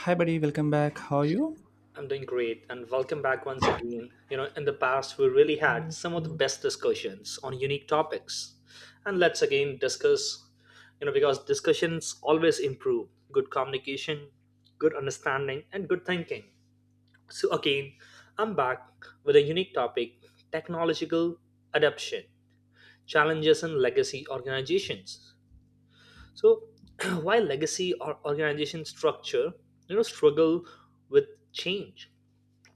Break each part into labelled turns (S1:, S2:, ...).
S1: Hi, buddy. Welcome back. How are you?
S2: I'm doing great, and welcome back once again. In the past, we really had some of the best discussions on unique topics. And let's again discuss, because discussions always improve good communication, good understanding, and good thinking. So, again, I'm back with a unique topic: technological adoption challenges in legacy organizations. So, while legacy or organization structure, struggle with change,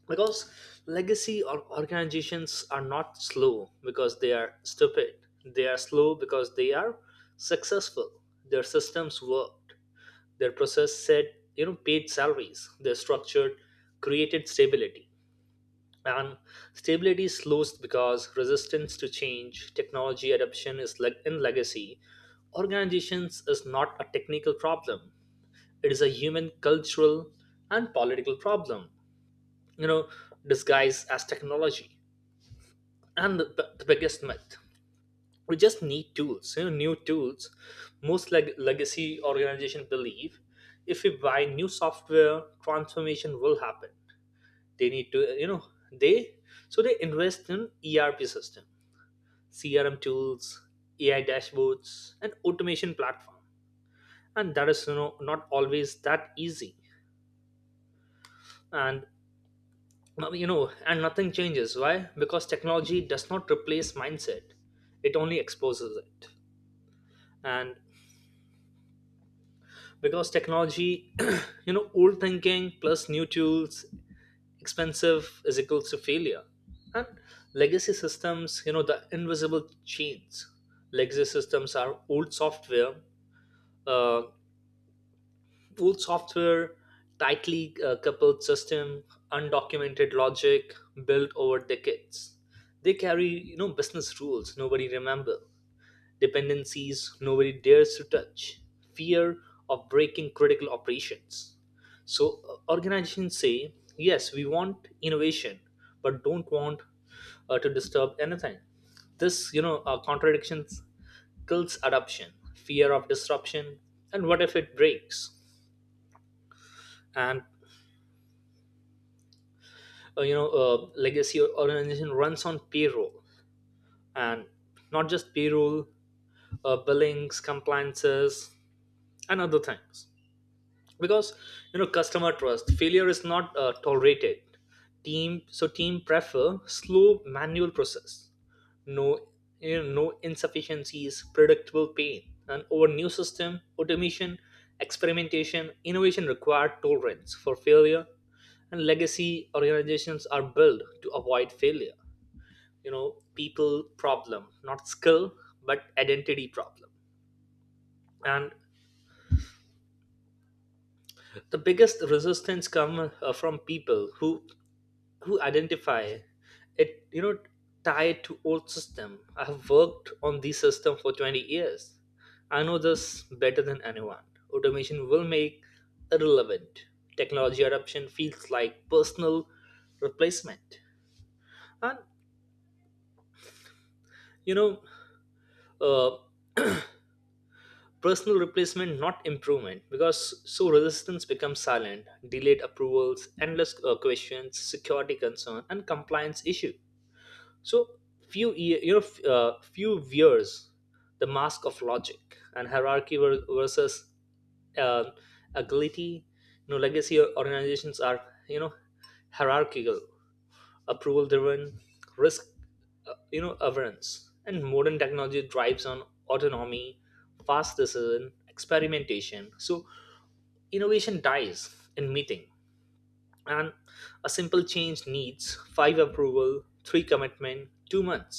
S2: because legacy or organizations are not slow because they are stupid, they are slow because they are successful. Their systems worked, their process said, paid salaries, their structure created stability. And stability slows because resistance to change, technology adoption, is like in legacy organizations, is not a technical problem. It is a human, cultural, and political problem, you know disguised as technology. And the biggest myth, we just need tools, new tools. Most legacy organizations believe if we buy new software, transformation will happen. They need to you know they So they invest in ERP system, CRM tools, AI dashboards, and automation platform, and that is, not always that easy. And now, and nothing changes. Why? Because technology does not replace mindset, it only exposes it. And because technology, old thinking plus new tools expensive is equals to failure. And legacy systems, the invisible chains. Legacy systems are old software, uh, old software, tightly coupled system, undocumented logic built over decades. They carry, business rules nobody remember, dependencies nobody dares to touch, fear of breaking critical operations. So organizations say, yes, we want innovation, but don't want to disturb anything. This, contradictions kills adoption, fear of disruption, and what if it breaks? And legacy organization runs on payroll, and not just payroll, billings, compliances, and other things. Because customer trust, failure is not tolerated. Team, so team prefer slow manual process, no, no insufficiencies, predictable pain, and over new system automation, experimentation, innovation required tolerance for failure, and legacy organizations are built to avoid failure. People problem, not skill, but identity problem. And the biggest resistance come from people who identify it, tied to old system. I have worked on this system for 20 years, I know this better than anyone, automation will make irrelevant. Technology adoption feels like personal replacement. And you know uh, personal replacement, not improvement, because so resistance becomes silent, delayed approvals, endless questions, security concern, and compliance issue. So few year, few years, the mask of logic and hierarchy versus uh, agility. Legacy organizations are, you know hierarchical, approval driven, risk averance, and modern technology drives on autonomy, fast decision, experimentation. So innovation dies in meeting, and a simple change needs five approval, three commitment, 2 months,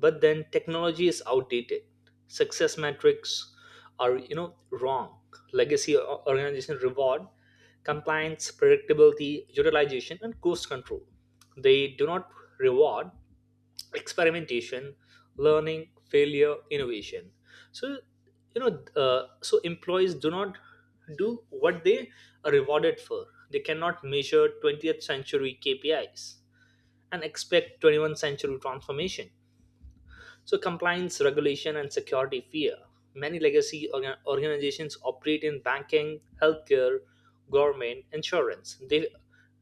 S2: but then technology is outdated. Success metrics are, wrong. Legacy organization reward compliance, predictability, utilization, and cost control. They do not reward experimentation, learning, failure, innovation. So, you know so employees do not do what they are rewarded for. They cannot measure 20th century KPIs and expect 21st century transformation. So, compliance, regulation, and security fear. Many legacy organizations operate in banking, healthcare, government, insurance. They,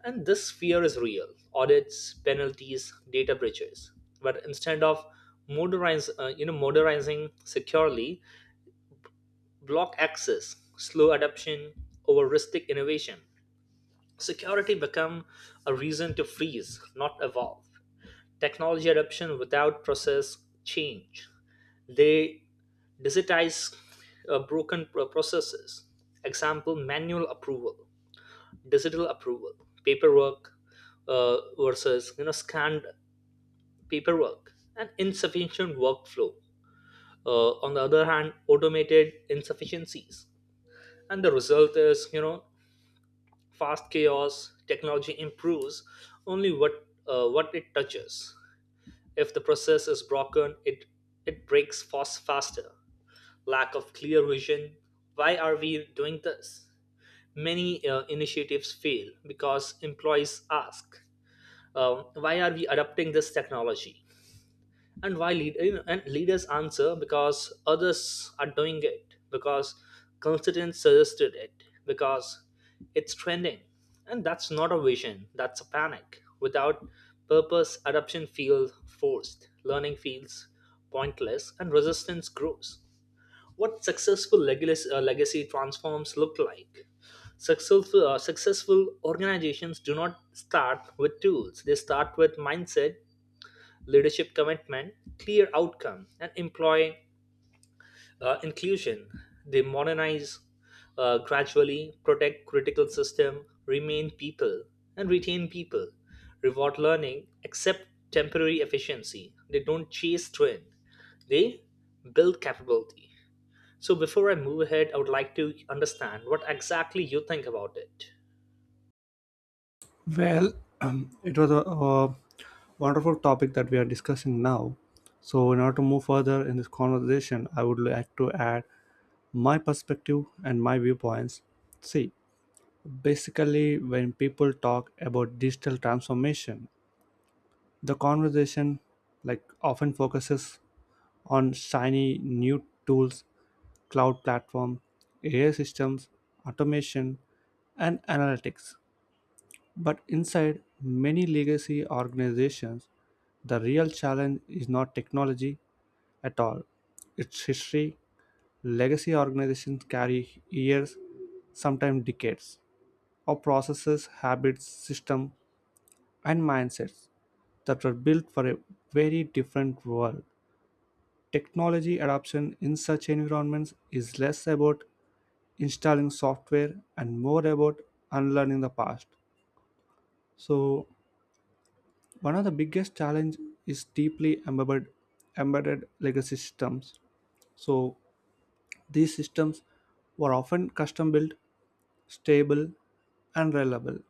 S2: and this fear is real: audits, penalties, data breaches. But instead of modernizing securely, block access, slow adoption, over risky innovation. Security become a reason to freeze, not evolve. Technology adoption without process change. They digitize broken processes. Example: manual approval, digital approval, paperwork versus, scanned paperwork, and insufficient workflow. On the other hand, automated insufficiencies, and the result is, fast chaos. Technology improves only what, what it touches. If the process is broken, it breaks faster. Lack of clear vision. Why are we doing this? Many initiatives fail because employees ask, "Why are we adopting this technology?" And why lead, and leaders answer because others are doing it, because consultants suggested it, because it's trending, and that's not a vision. That's a panic. Without purpose, adoption feels forced, learning feels pointless, and resistance grows. What successful legacy, legacy transforms look like. Successful, successful organizations do not start with tools, they start with mindset, leadership commitment, clear outcome, and employee inclusion. They modernize gradually, protect critical system, remain people, and retain people, reward learning, accept temporary efficiency. They don't chase trend, they build capability. So, before I move ahead, I would like to understand what exactly you think about it.
S1: Well, it was a wonderful topic that we are discussing now. So, in order to move further in this conversation, I would like to add my perspective and my viewpoints. See, basically, when people talk about digital transformation, the conversation like often focuses on shiny new tools, cloud platform, AI systems, automation, and analytics. But inside many legacy organizations, the real challenge is not technology at all. It's history. Legacy organizations carry years, sometimes decades, of processes, habits, systems, and mindsets that were built for a very different world. Technology adoption in such environments is less about installing software and more about unlearning the past. So, one of the biggest challenge is deeply embedded legacy systems. So these systems were often custom built, stable, and reliable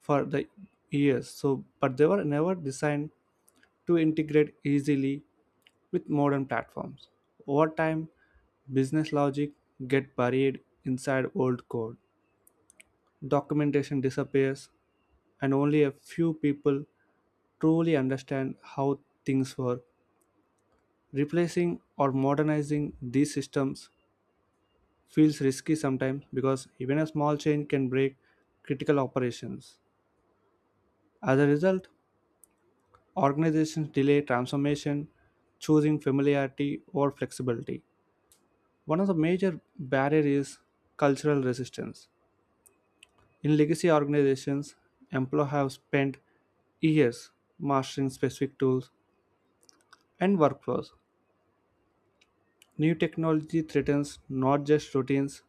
S1: for the years. So, but they were never designed to integrate easily with modern platforms. Over time, business logic get buried inside old code. Documentation disappears, and only a few people truly understand how things work. Replacing or modernizing these systems feels risky sometimes because even a small change can break critical operations. As a result, organizations delay transformation, choosing familiarity or flexibility. One of the major barriers is cultural resistance. In legacy organizations, employees have spent years mastering specific tools and workflows. New technology threatens not just routines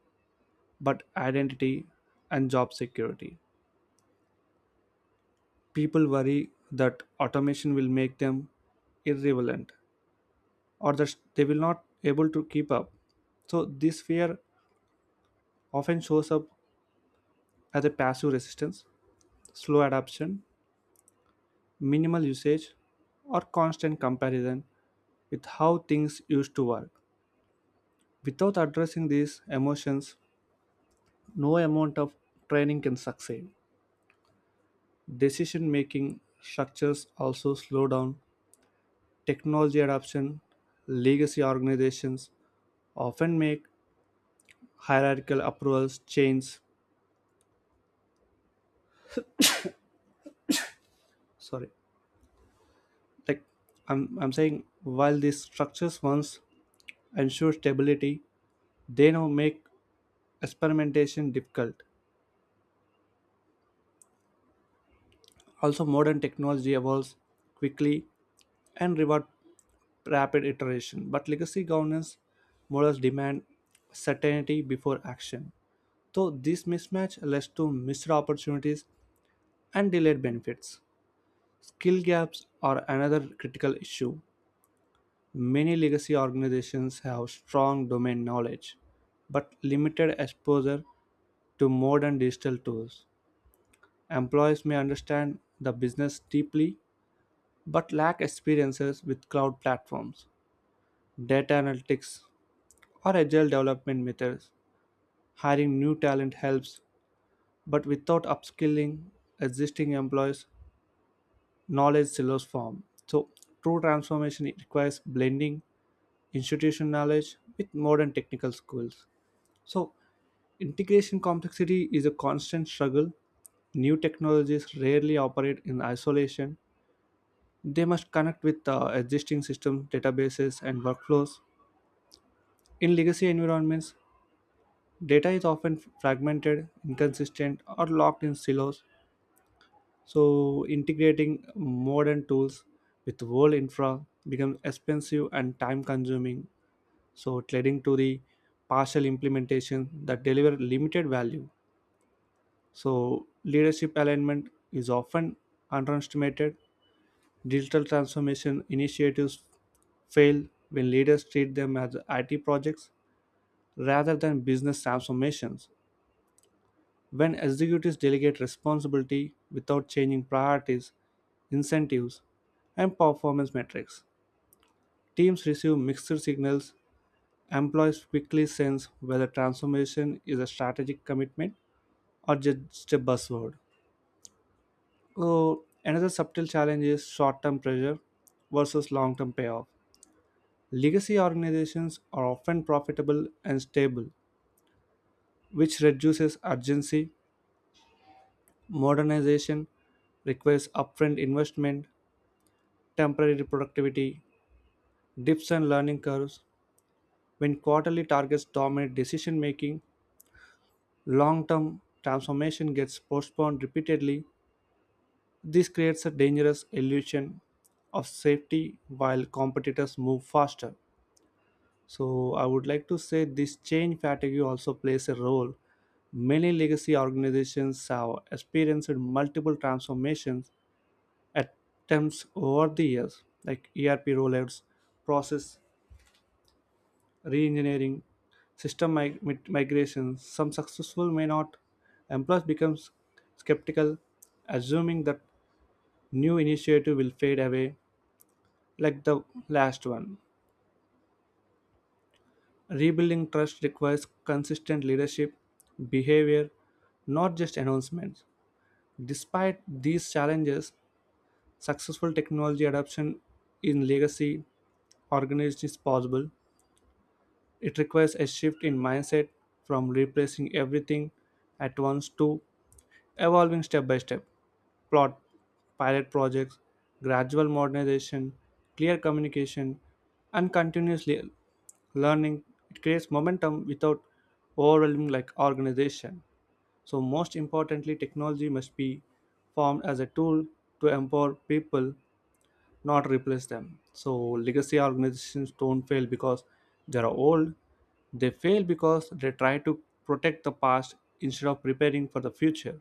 S1: but identity and job security. People worry that automation will make them irrelevant or that they will not able to keep up. So this fear often shows up as a passive resistance, slow adoption, minimal usage, or constant comparison with how things used to work. Without addressing these emotions, no amount of training can succeed. Decision making structures also slow down technology adoption. Legacy organizations often make hierarchical approvals chains. Sorry, like I'm saying, while these structures once ensure stability, they now make experimentation difficult. Also, modern technology evolves quickly and reward rapid iteration, but legacy governance models demand certainty before action. So, this mismatch leads to missed opportunities and delayed benefits. Skill gaps are another critical issue. Many legacy organizations have strong domain knowledge, but limited exposure to modern digital tools. Employees may understand the business deeply, but lack experiences with cloud platforms, data analytics, or agile development methods. Hiring new talent helps, but without upskilling existing employees, knowledge silos form. So, true transformation requires blending institutional knowledge with modern technical skills. So, integration complexity is a constant struggle. New technologies rarely operate in isolation. They must connect with existing systems, databases, and workflows. In legacy environments, data is often fragmented, inconsistent, or locked in silos. So, integrating modern tools with world infra becomes expensive and time consuming, so it leading to the partial implementation that deliver limited value. So leadership alignment is often underestimated. Digital transformation initiatives fail when leaders treat them as IT projects rather than business transformations. When executives delegate responsibility without changing priorities, incentives, and performance metrics, teams receive mixed signals. Employees quickly sense whether transformation is a strategic commitment or just a buzzword. So, another subtle challenge is short term pressure versus long term payoff. Legacy organizations are often profitable and stable, which reduces urgency. Modernization requires upfront investment, temporary productivity, dips and learning curves. When quarterly targets dominate decision making, long term transformation gets postponed repeatedly. This creates a dangerous illusion of safety while competitors move faster. So, I would like to say this change fatigue also plays a role. Many legacy organizations have experienced multiple transformations attempts over the years, like ERP rollouts, process reengineering, system migrations. Some successful may not. Employees becomes skeptical, assuming that new initiative will fade away like the last one. Rebuilding trust requires consistent leadership, behavior, not just announcements. Despite these challenges, successful technology adoption in legacy organizations is possible. It requires a shift in mindset from replacing everything at once to evolving step by step. plot, Pilot projects, gradual modernization, clear communication, and continuous learning. It creates momentum without overwhelming like organization. So most importantly, technology must be formed as a tool to empower people, not replace them. So legacy organizations don't fail because they are old. They fail because they try to protect the past instead of preparing for the future.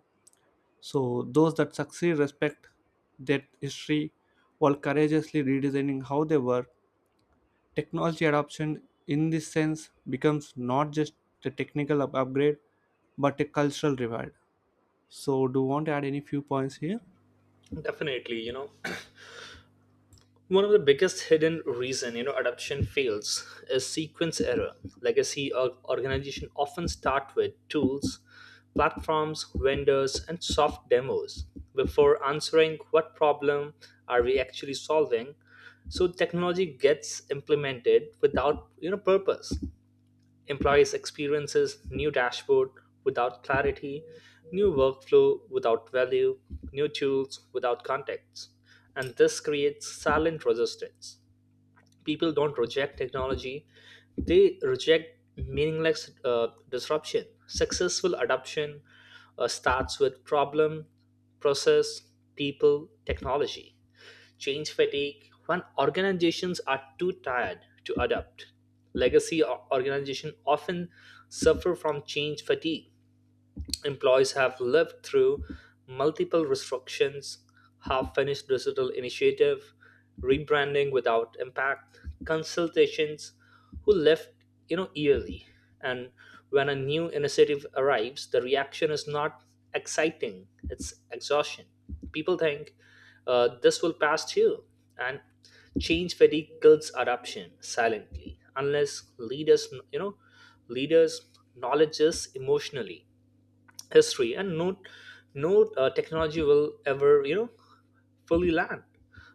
S1: So those that succeed respect that history while courageously redesigning how they work. Technology adoption in this sense becomes not just a technical upgrade but a cultural reward. So do you want to add any few points here?
S2: Definitely, one of the biggest hidden reason, adoption fails is sequence error. Legacy organization often start with tools, platforms, vendors, and soft demos before answering what problem are we actually solving. So technology gets implemented without, purpose. Employees experiences new dashboard without clarity, new workflow without value, new tools without context. And this creates silent resistance. People don't reject technology, they reject meaningless disruption. Successful adoption starts with problem, process, people, technology. Change fatigue, when organizations are too tired to adapt, legacy organizations often suffer from change fatigue. Employees have lived through multiple restructurings, half finished digital initiative, rebranding without impact, consultations who left, yearly. And when a new initiative arrives, the reaction is not exciting, it's exhaustion. People think, this will pass too. And change fatigue kills adoption silently unless leaders, leaders knowledge this emotionally, history, and no, no technology will ever, fully land.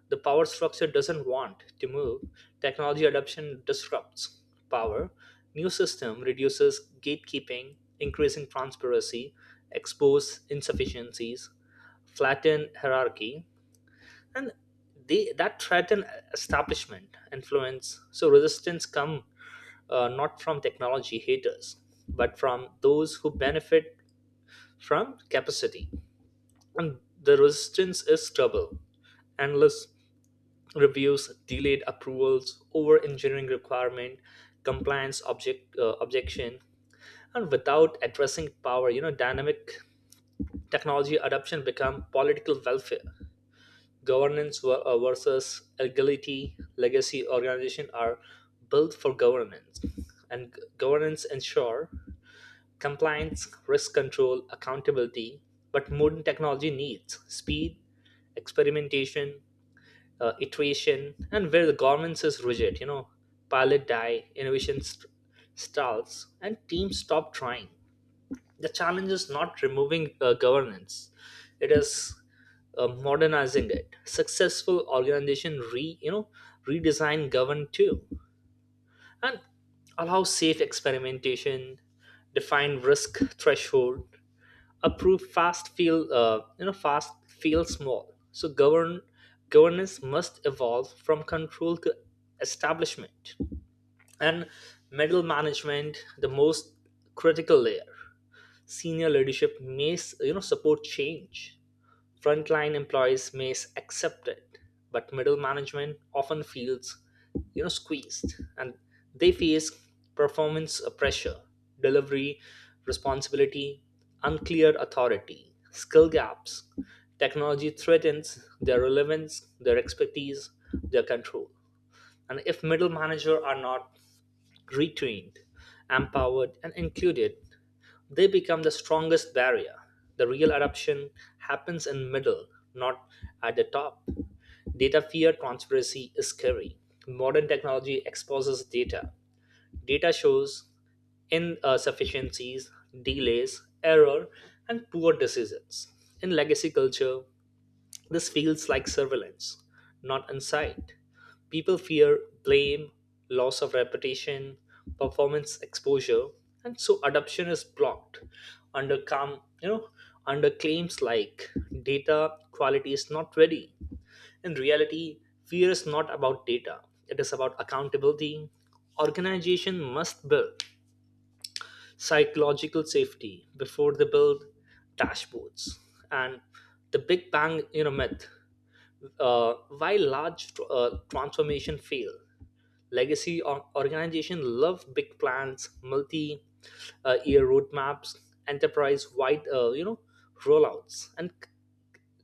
S2: The power structure doesn't want to move. Technology adoption disrupts power. New system reduces gatekeeping, increasing transparency, expose insufficiencies, flatten hierarchy. And they, that threaten establishment influence. So resistance come not from technology haters, but from those who benefit from capacity, and the resistance is trouble. Endless reviews, delayed approvals, over engineering requirement, compliance objection. And without addressing power, dynamic, technology adoption become political welfare. Governance versus agility. Legacy organization are built for governance, and governance ensure compliance, risk control, accountability. But modern technology needs speed, experimentation, iteration. And where the governance is rigid, pilot die, innovation stalls, and teams stop trying. The challenge is not removing governance; it is modernizing it. Successful organization, re you know redesign govern too, and allow safe experimentation, define risk threshold, approve fast, feel you know fast feel small. So govern, governance must evolve from control to establishment. And middle management, the most critical layer. Senior leadership may support change. Frontline employees may accept it, but middle management often feels, squeezed, and they face performance pressure, delivery responsibility, unclear authority, skill gaps. Technology threatens their relevance, their expertise, their control. And if middle managers are not retrained, empowered, and included, they become the strongest barrier. The real eruption happens in middle, not at the top. Data fear, transparency is scary. Modern technology exposes data. Data shows insufficiencies, delays, error, and poor decisions. In legacy culture, this feels like surveillance, not insight. People fear blame, loss of reputation, performance exposure, and so adoption is blocked under under claims like data quality is not ready. In reality, fear is not about data. It is about accountability. Organization must build psychological safety before they build dashboards. And the Big Bang, myth, uh, while large transformation fail, legacy organization love big plans, multi year roadmaps, enterprise wide, rollouts, and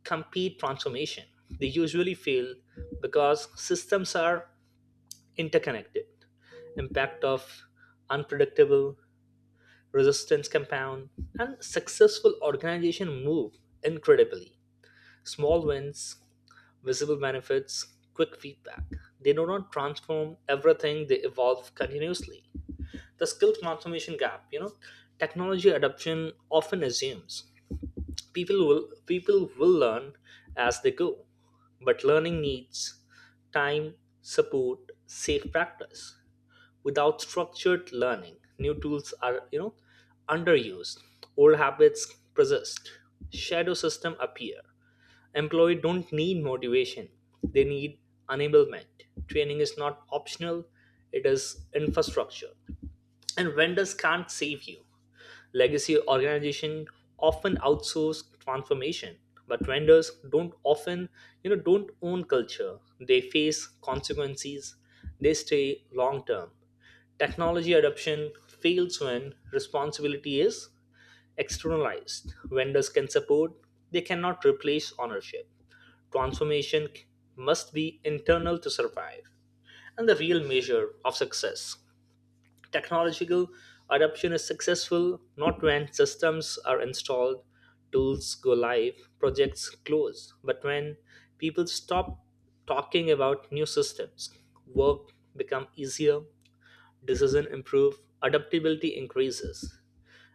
S2: complete transformation. They usually fail because systems are interconnected, impact of unpredictable, resistance compound. And successful organization move incredibly, small wins, visible benefits, quick feedback. They do not transform everything, they evolve continuously. The skill transformation gap, technology adoption often assumes people will learn as they go. But learning needs time, support, safe practice. Without structured learning, new tools are, underused. Old habits persist. Shadow system appear. Employees don't need motivation, they need enablement. Training is not optional, it is infrastructure. And vendors can't save you. Legacy organizations often outsource transformation, but vendors don't often, don't own culture. They face consequences, they stay long term. Technology adoption fails when responsibility is externalized. Vendors can support, they cannot replace ownership. Transformation must be internal to survive. And the real measure of success. Technological adoption is successful not when systems are installed, tools go live, projects close, but when people stop talking about new systems, work become easier, decision improve, adaptability increases,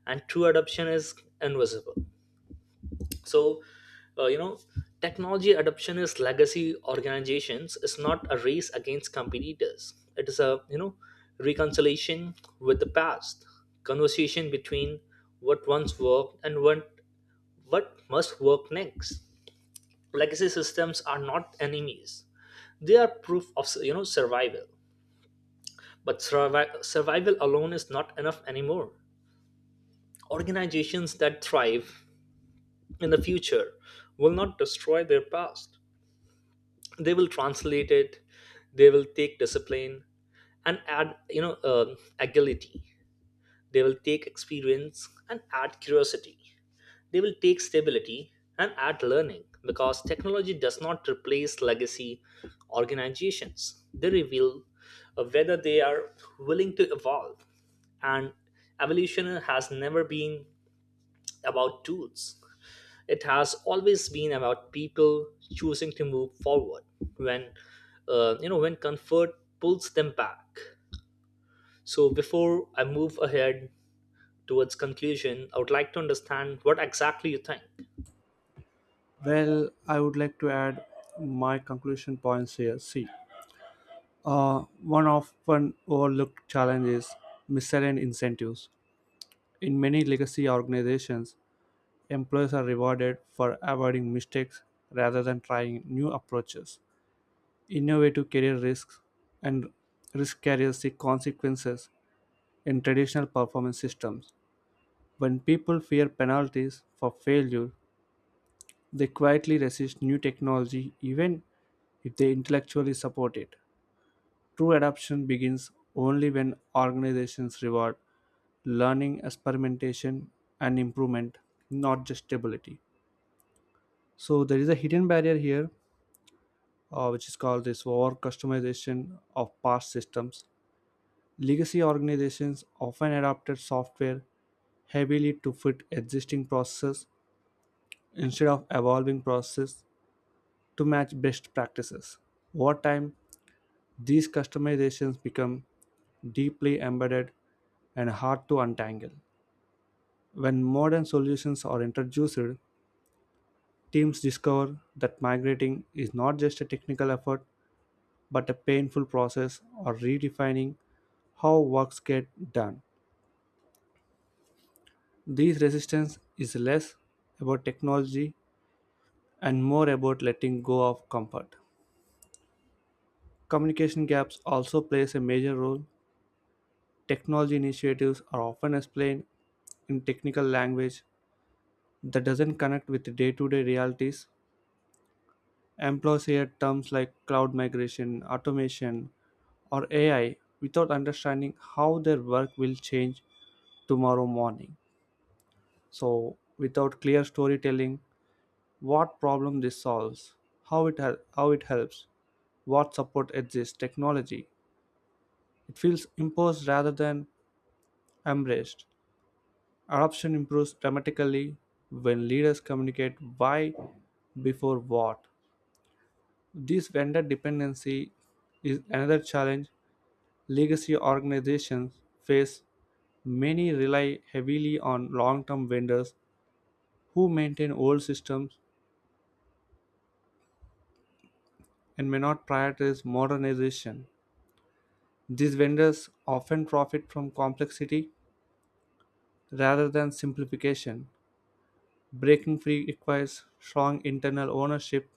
S2: and true adoption is invisible. So uh, you know technology adoption is legacy organizations. It's not a race against competitors, it is a, reconciliation with the past, conversation between what once worked and what must work next. Legacy systems are not enemies, they are proof of, survival. But survival alone is not enough anymore. Organizations that thrive in the future will not destroy their past, they will translate it. They will take discipline and add, agility. They will take experience and add curiosity. They will take stability and add learning. Because technology does not replace legacy organizations, they reveal whether they are willing to evolve. And evolution has never been about tools, it has always been about people choosing to move forward when, when comfort pulls them back. So before I move ahead towards conclusion, I would like to understand what exactly you think.
S1: Well, I would like to add my conclusion points here. See, one often overlooked challenge is misaligned incentives. In many legacy organizations, employees are rewarded for avoiding mistakes rather than trying new approaches. Innovative career risks and risk carriers see consequences in traditional performance systems. When people fear penalties for failure, they quietly resist new technology even if they intellectually support it. True adoption begins only when organizations reward learning, experimentation, and improvement, not just stability. So, there is a hidden barrier here, which is called this over customization of past systems. Legacy organizations often adopted software heavily to fit existing processes instead of evolving processes to match best practices. Over time, these customizations become deeply embedded and hard to untangle. When modern solutions are introduced, teams discover that migrating is not just a technical effort but a painful process or redefining how works get done. This resistance is less about technology and more about letting go of comfort. Communication gaps also plays a major role. Technology initiatives are often explained in technical language that doesn't connect with day-to-day realities. Employees hear terms like cloud migration, automation, or AI without understanding how their work will change tomorrow morning. So, without clear storytelling, what problem this solves, how it helps, what support exists, technology, it feels imposed rather than embraced. Adoption improves dramatically when leaders communicate why before what. This vendor dependency is another challenge. Legacy organizations face many rely heavily on long term vendors who maintain old systems and may not prioritize modernization. These vendors often profit from complexity rather than simplification. Breaking free requires strong internal ownership,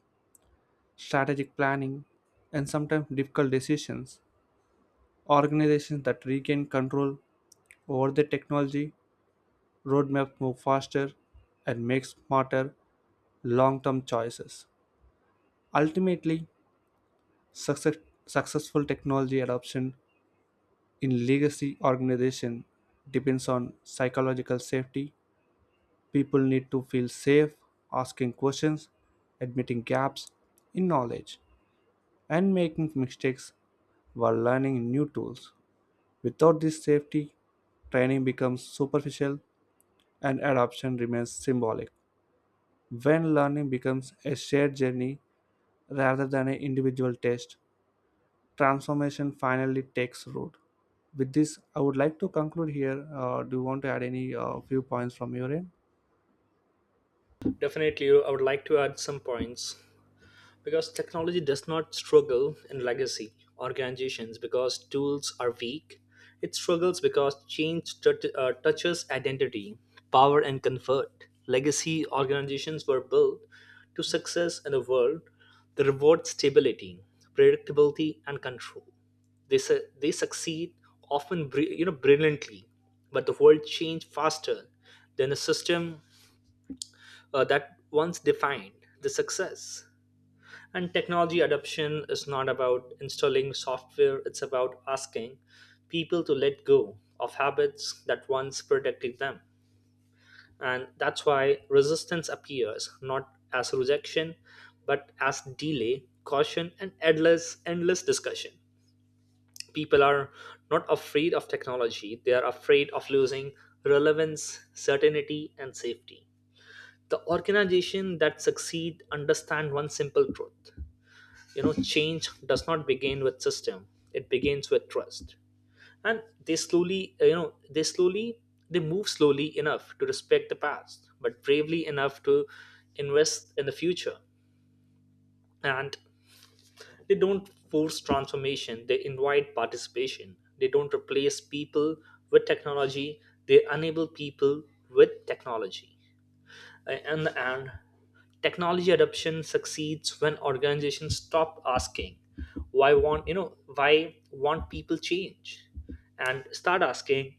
S1: strategic planning, and sometimes difficult decisions. Organizations that regain control over their technology roadmap move faster and make smarter long term choices. Ultimately, success, successful technology adoption in legacy organization depends on psychological safety. People need to feel safe asking questions, admitting gaps in knowledge, and making mistakes while learning new tools. Without this safety, training becomes superficial and adoption remains symbolic. When learning becomes a shared journey rather than an individual test, transformation finally takes root. With this, I would like to conclude here. Do you want to add any few points from your end?
S2: Definitely, I would like to add some points. Because technology does not struggle in legacy organizations because tools are weak. It struggles because change, tut touches identity, power, and comfort. Legacy organizations were built to success in a world that rewards stability, predictability, and control. They, they succeed often, brilliantly, but the world changed faster than the system that once defined the success. And technology adoption is not about installing software, it's about asking people to let go of habits that once protected them. And that's why resistance appears not as rejection, but as delay, caution, and endless discussion. People are not afraid of technology, they are afraid of losing relevance, certainty, and safety. The organization that succeed understand one simple truth, change does not begin with system, it begins with trust. And they slowly, they move slowly enough to respect the past, but bravely enough to invest in the future. And they don't force transformation, they invite participation. They don't replace people with technology, they enable people with technology. In the end, technology adoption succeeds when organizations stop asking why want, why want people change, and start asking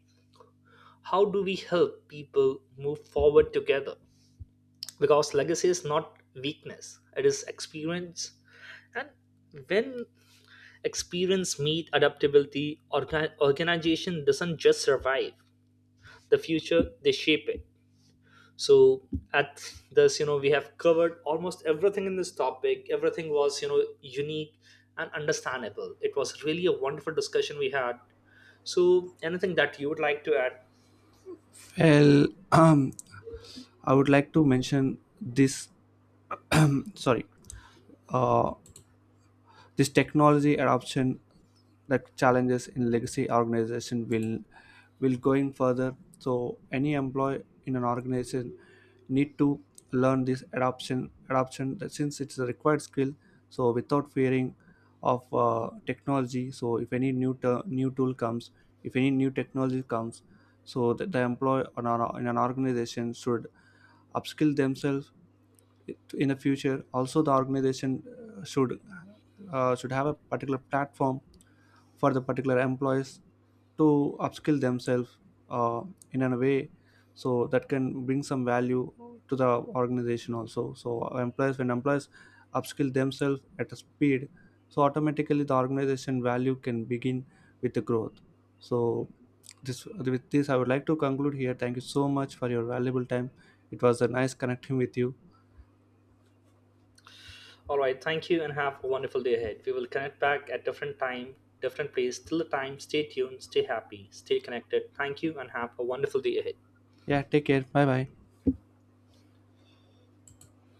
S2: how do we help people move forward together. Because legacy is not weakness, it is experience. And when experience meet adaptability, organization doesn't just survive the future, they shape it. So at this, we have covered almost everything in this topic. Everything was, unique and understandable. It was really a wonderful discussion we had. So anything that you would like to add?
S1: Well, um, I would like to mention this. Sorry. Uh, This technology adoption that challenges in legacy organization will going further. So any employee in an organization need to learn this adoption that since it's a required skill. So without fearing of technology. So if any new tool comes, if any new technology comes, so that the employee on in an organization should upskill themselves. In the future also the organization should, should have a particular platform for the particular employees to upskill themselves uh, in a way so that can bring some value to the organization also. So employees, upskill themselves at a speed, so automatically the organization value can begin with the growth. So this, with this, I would like to conclude here. Thank you so much for your valuable time. It was a nice connecting with you.
S2: All right, thank you and have a wonderful day ahead. We will connect back at different time, different place. Till the time, stay tuned, stay happy, stay connected. Thank you and have a wonderful day ahead.
S1: Yeah, take care. Bye bye.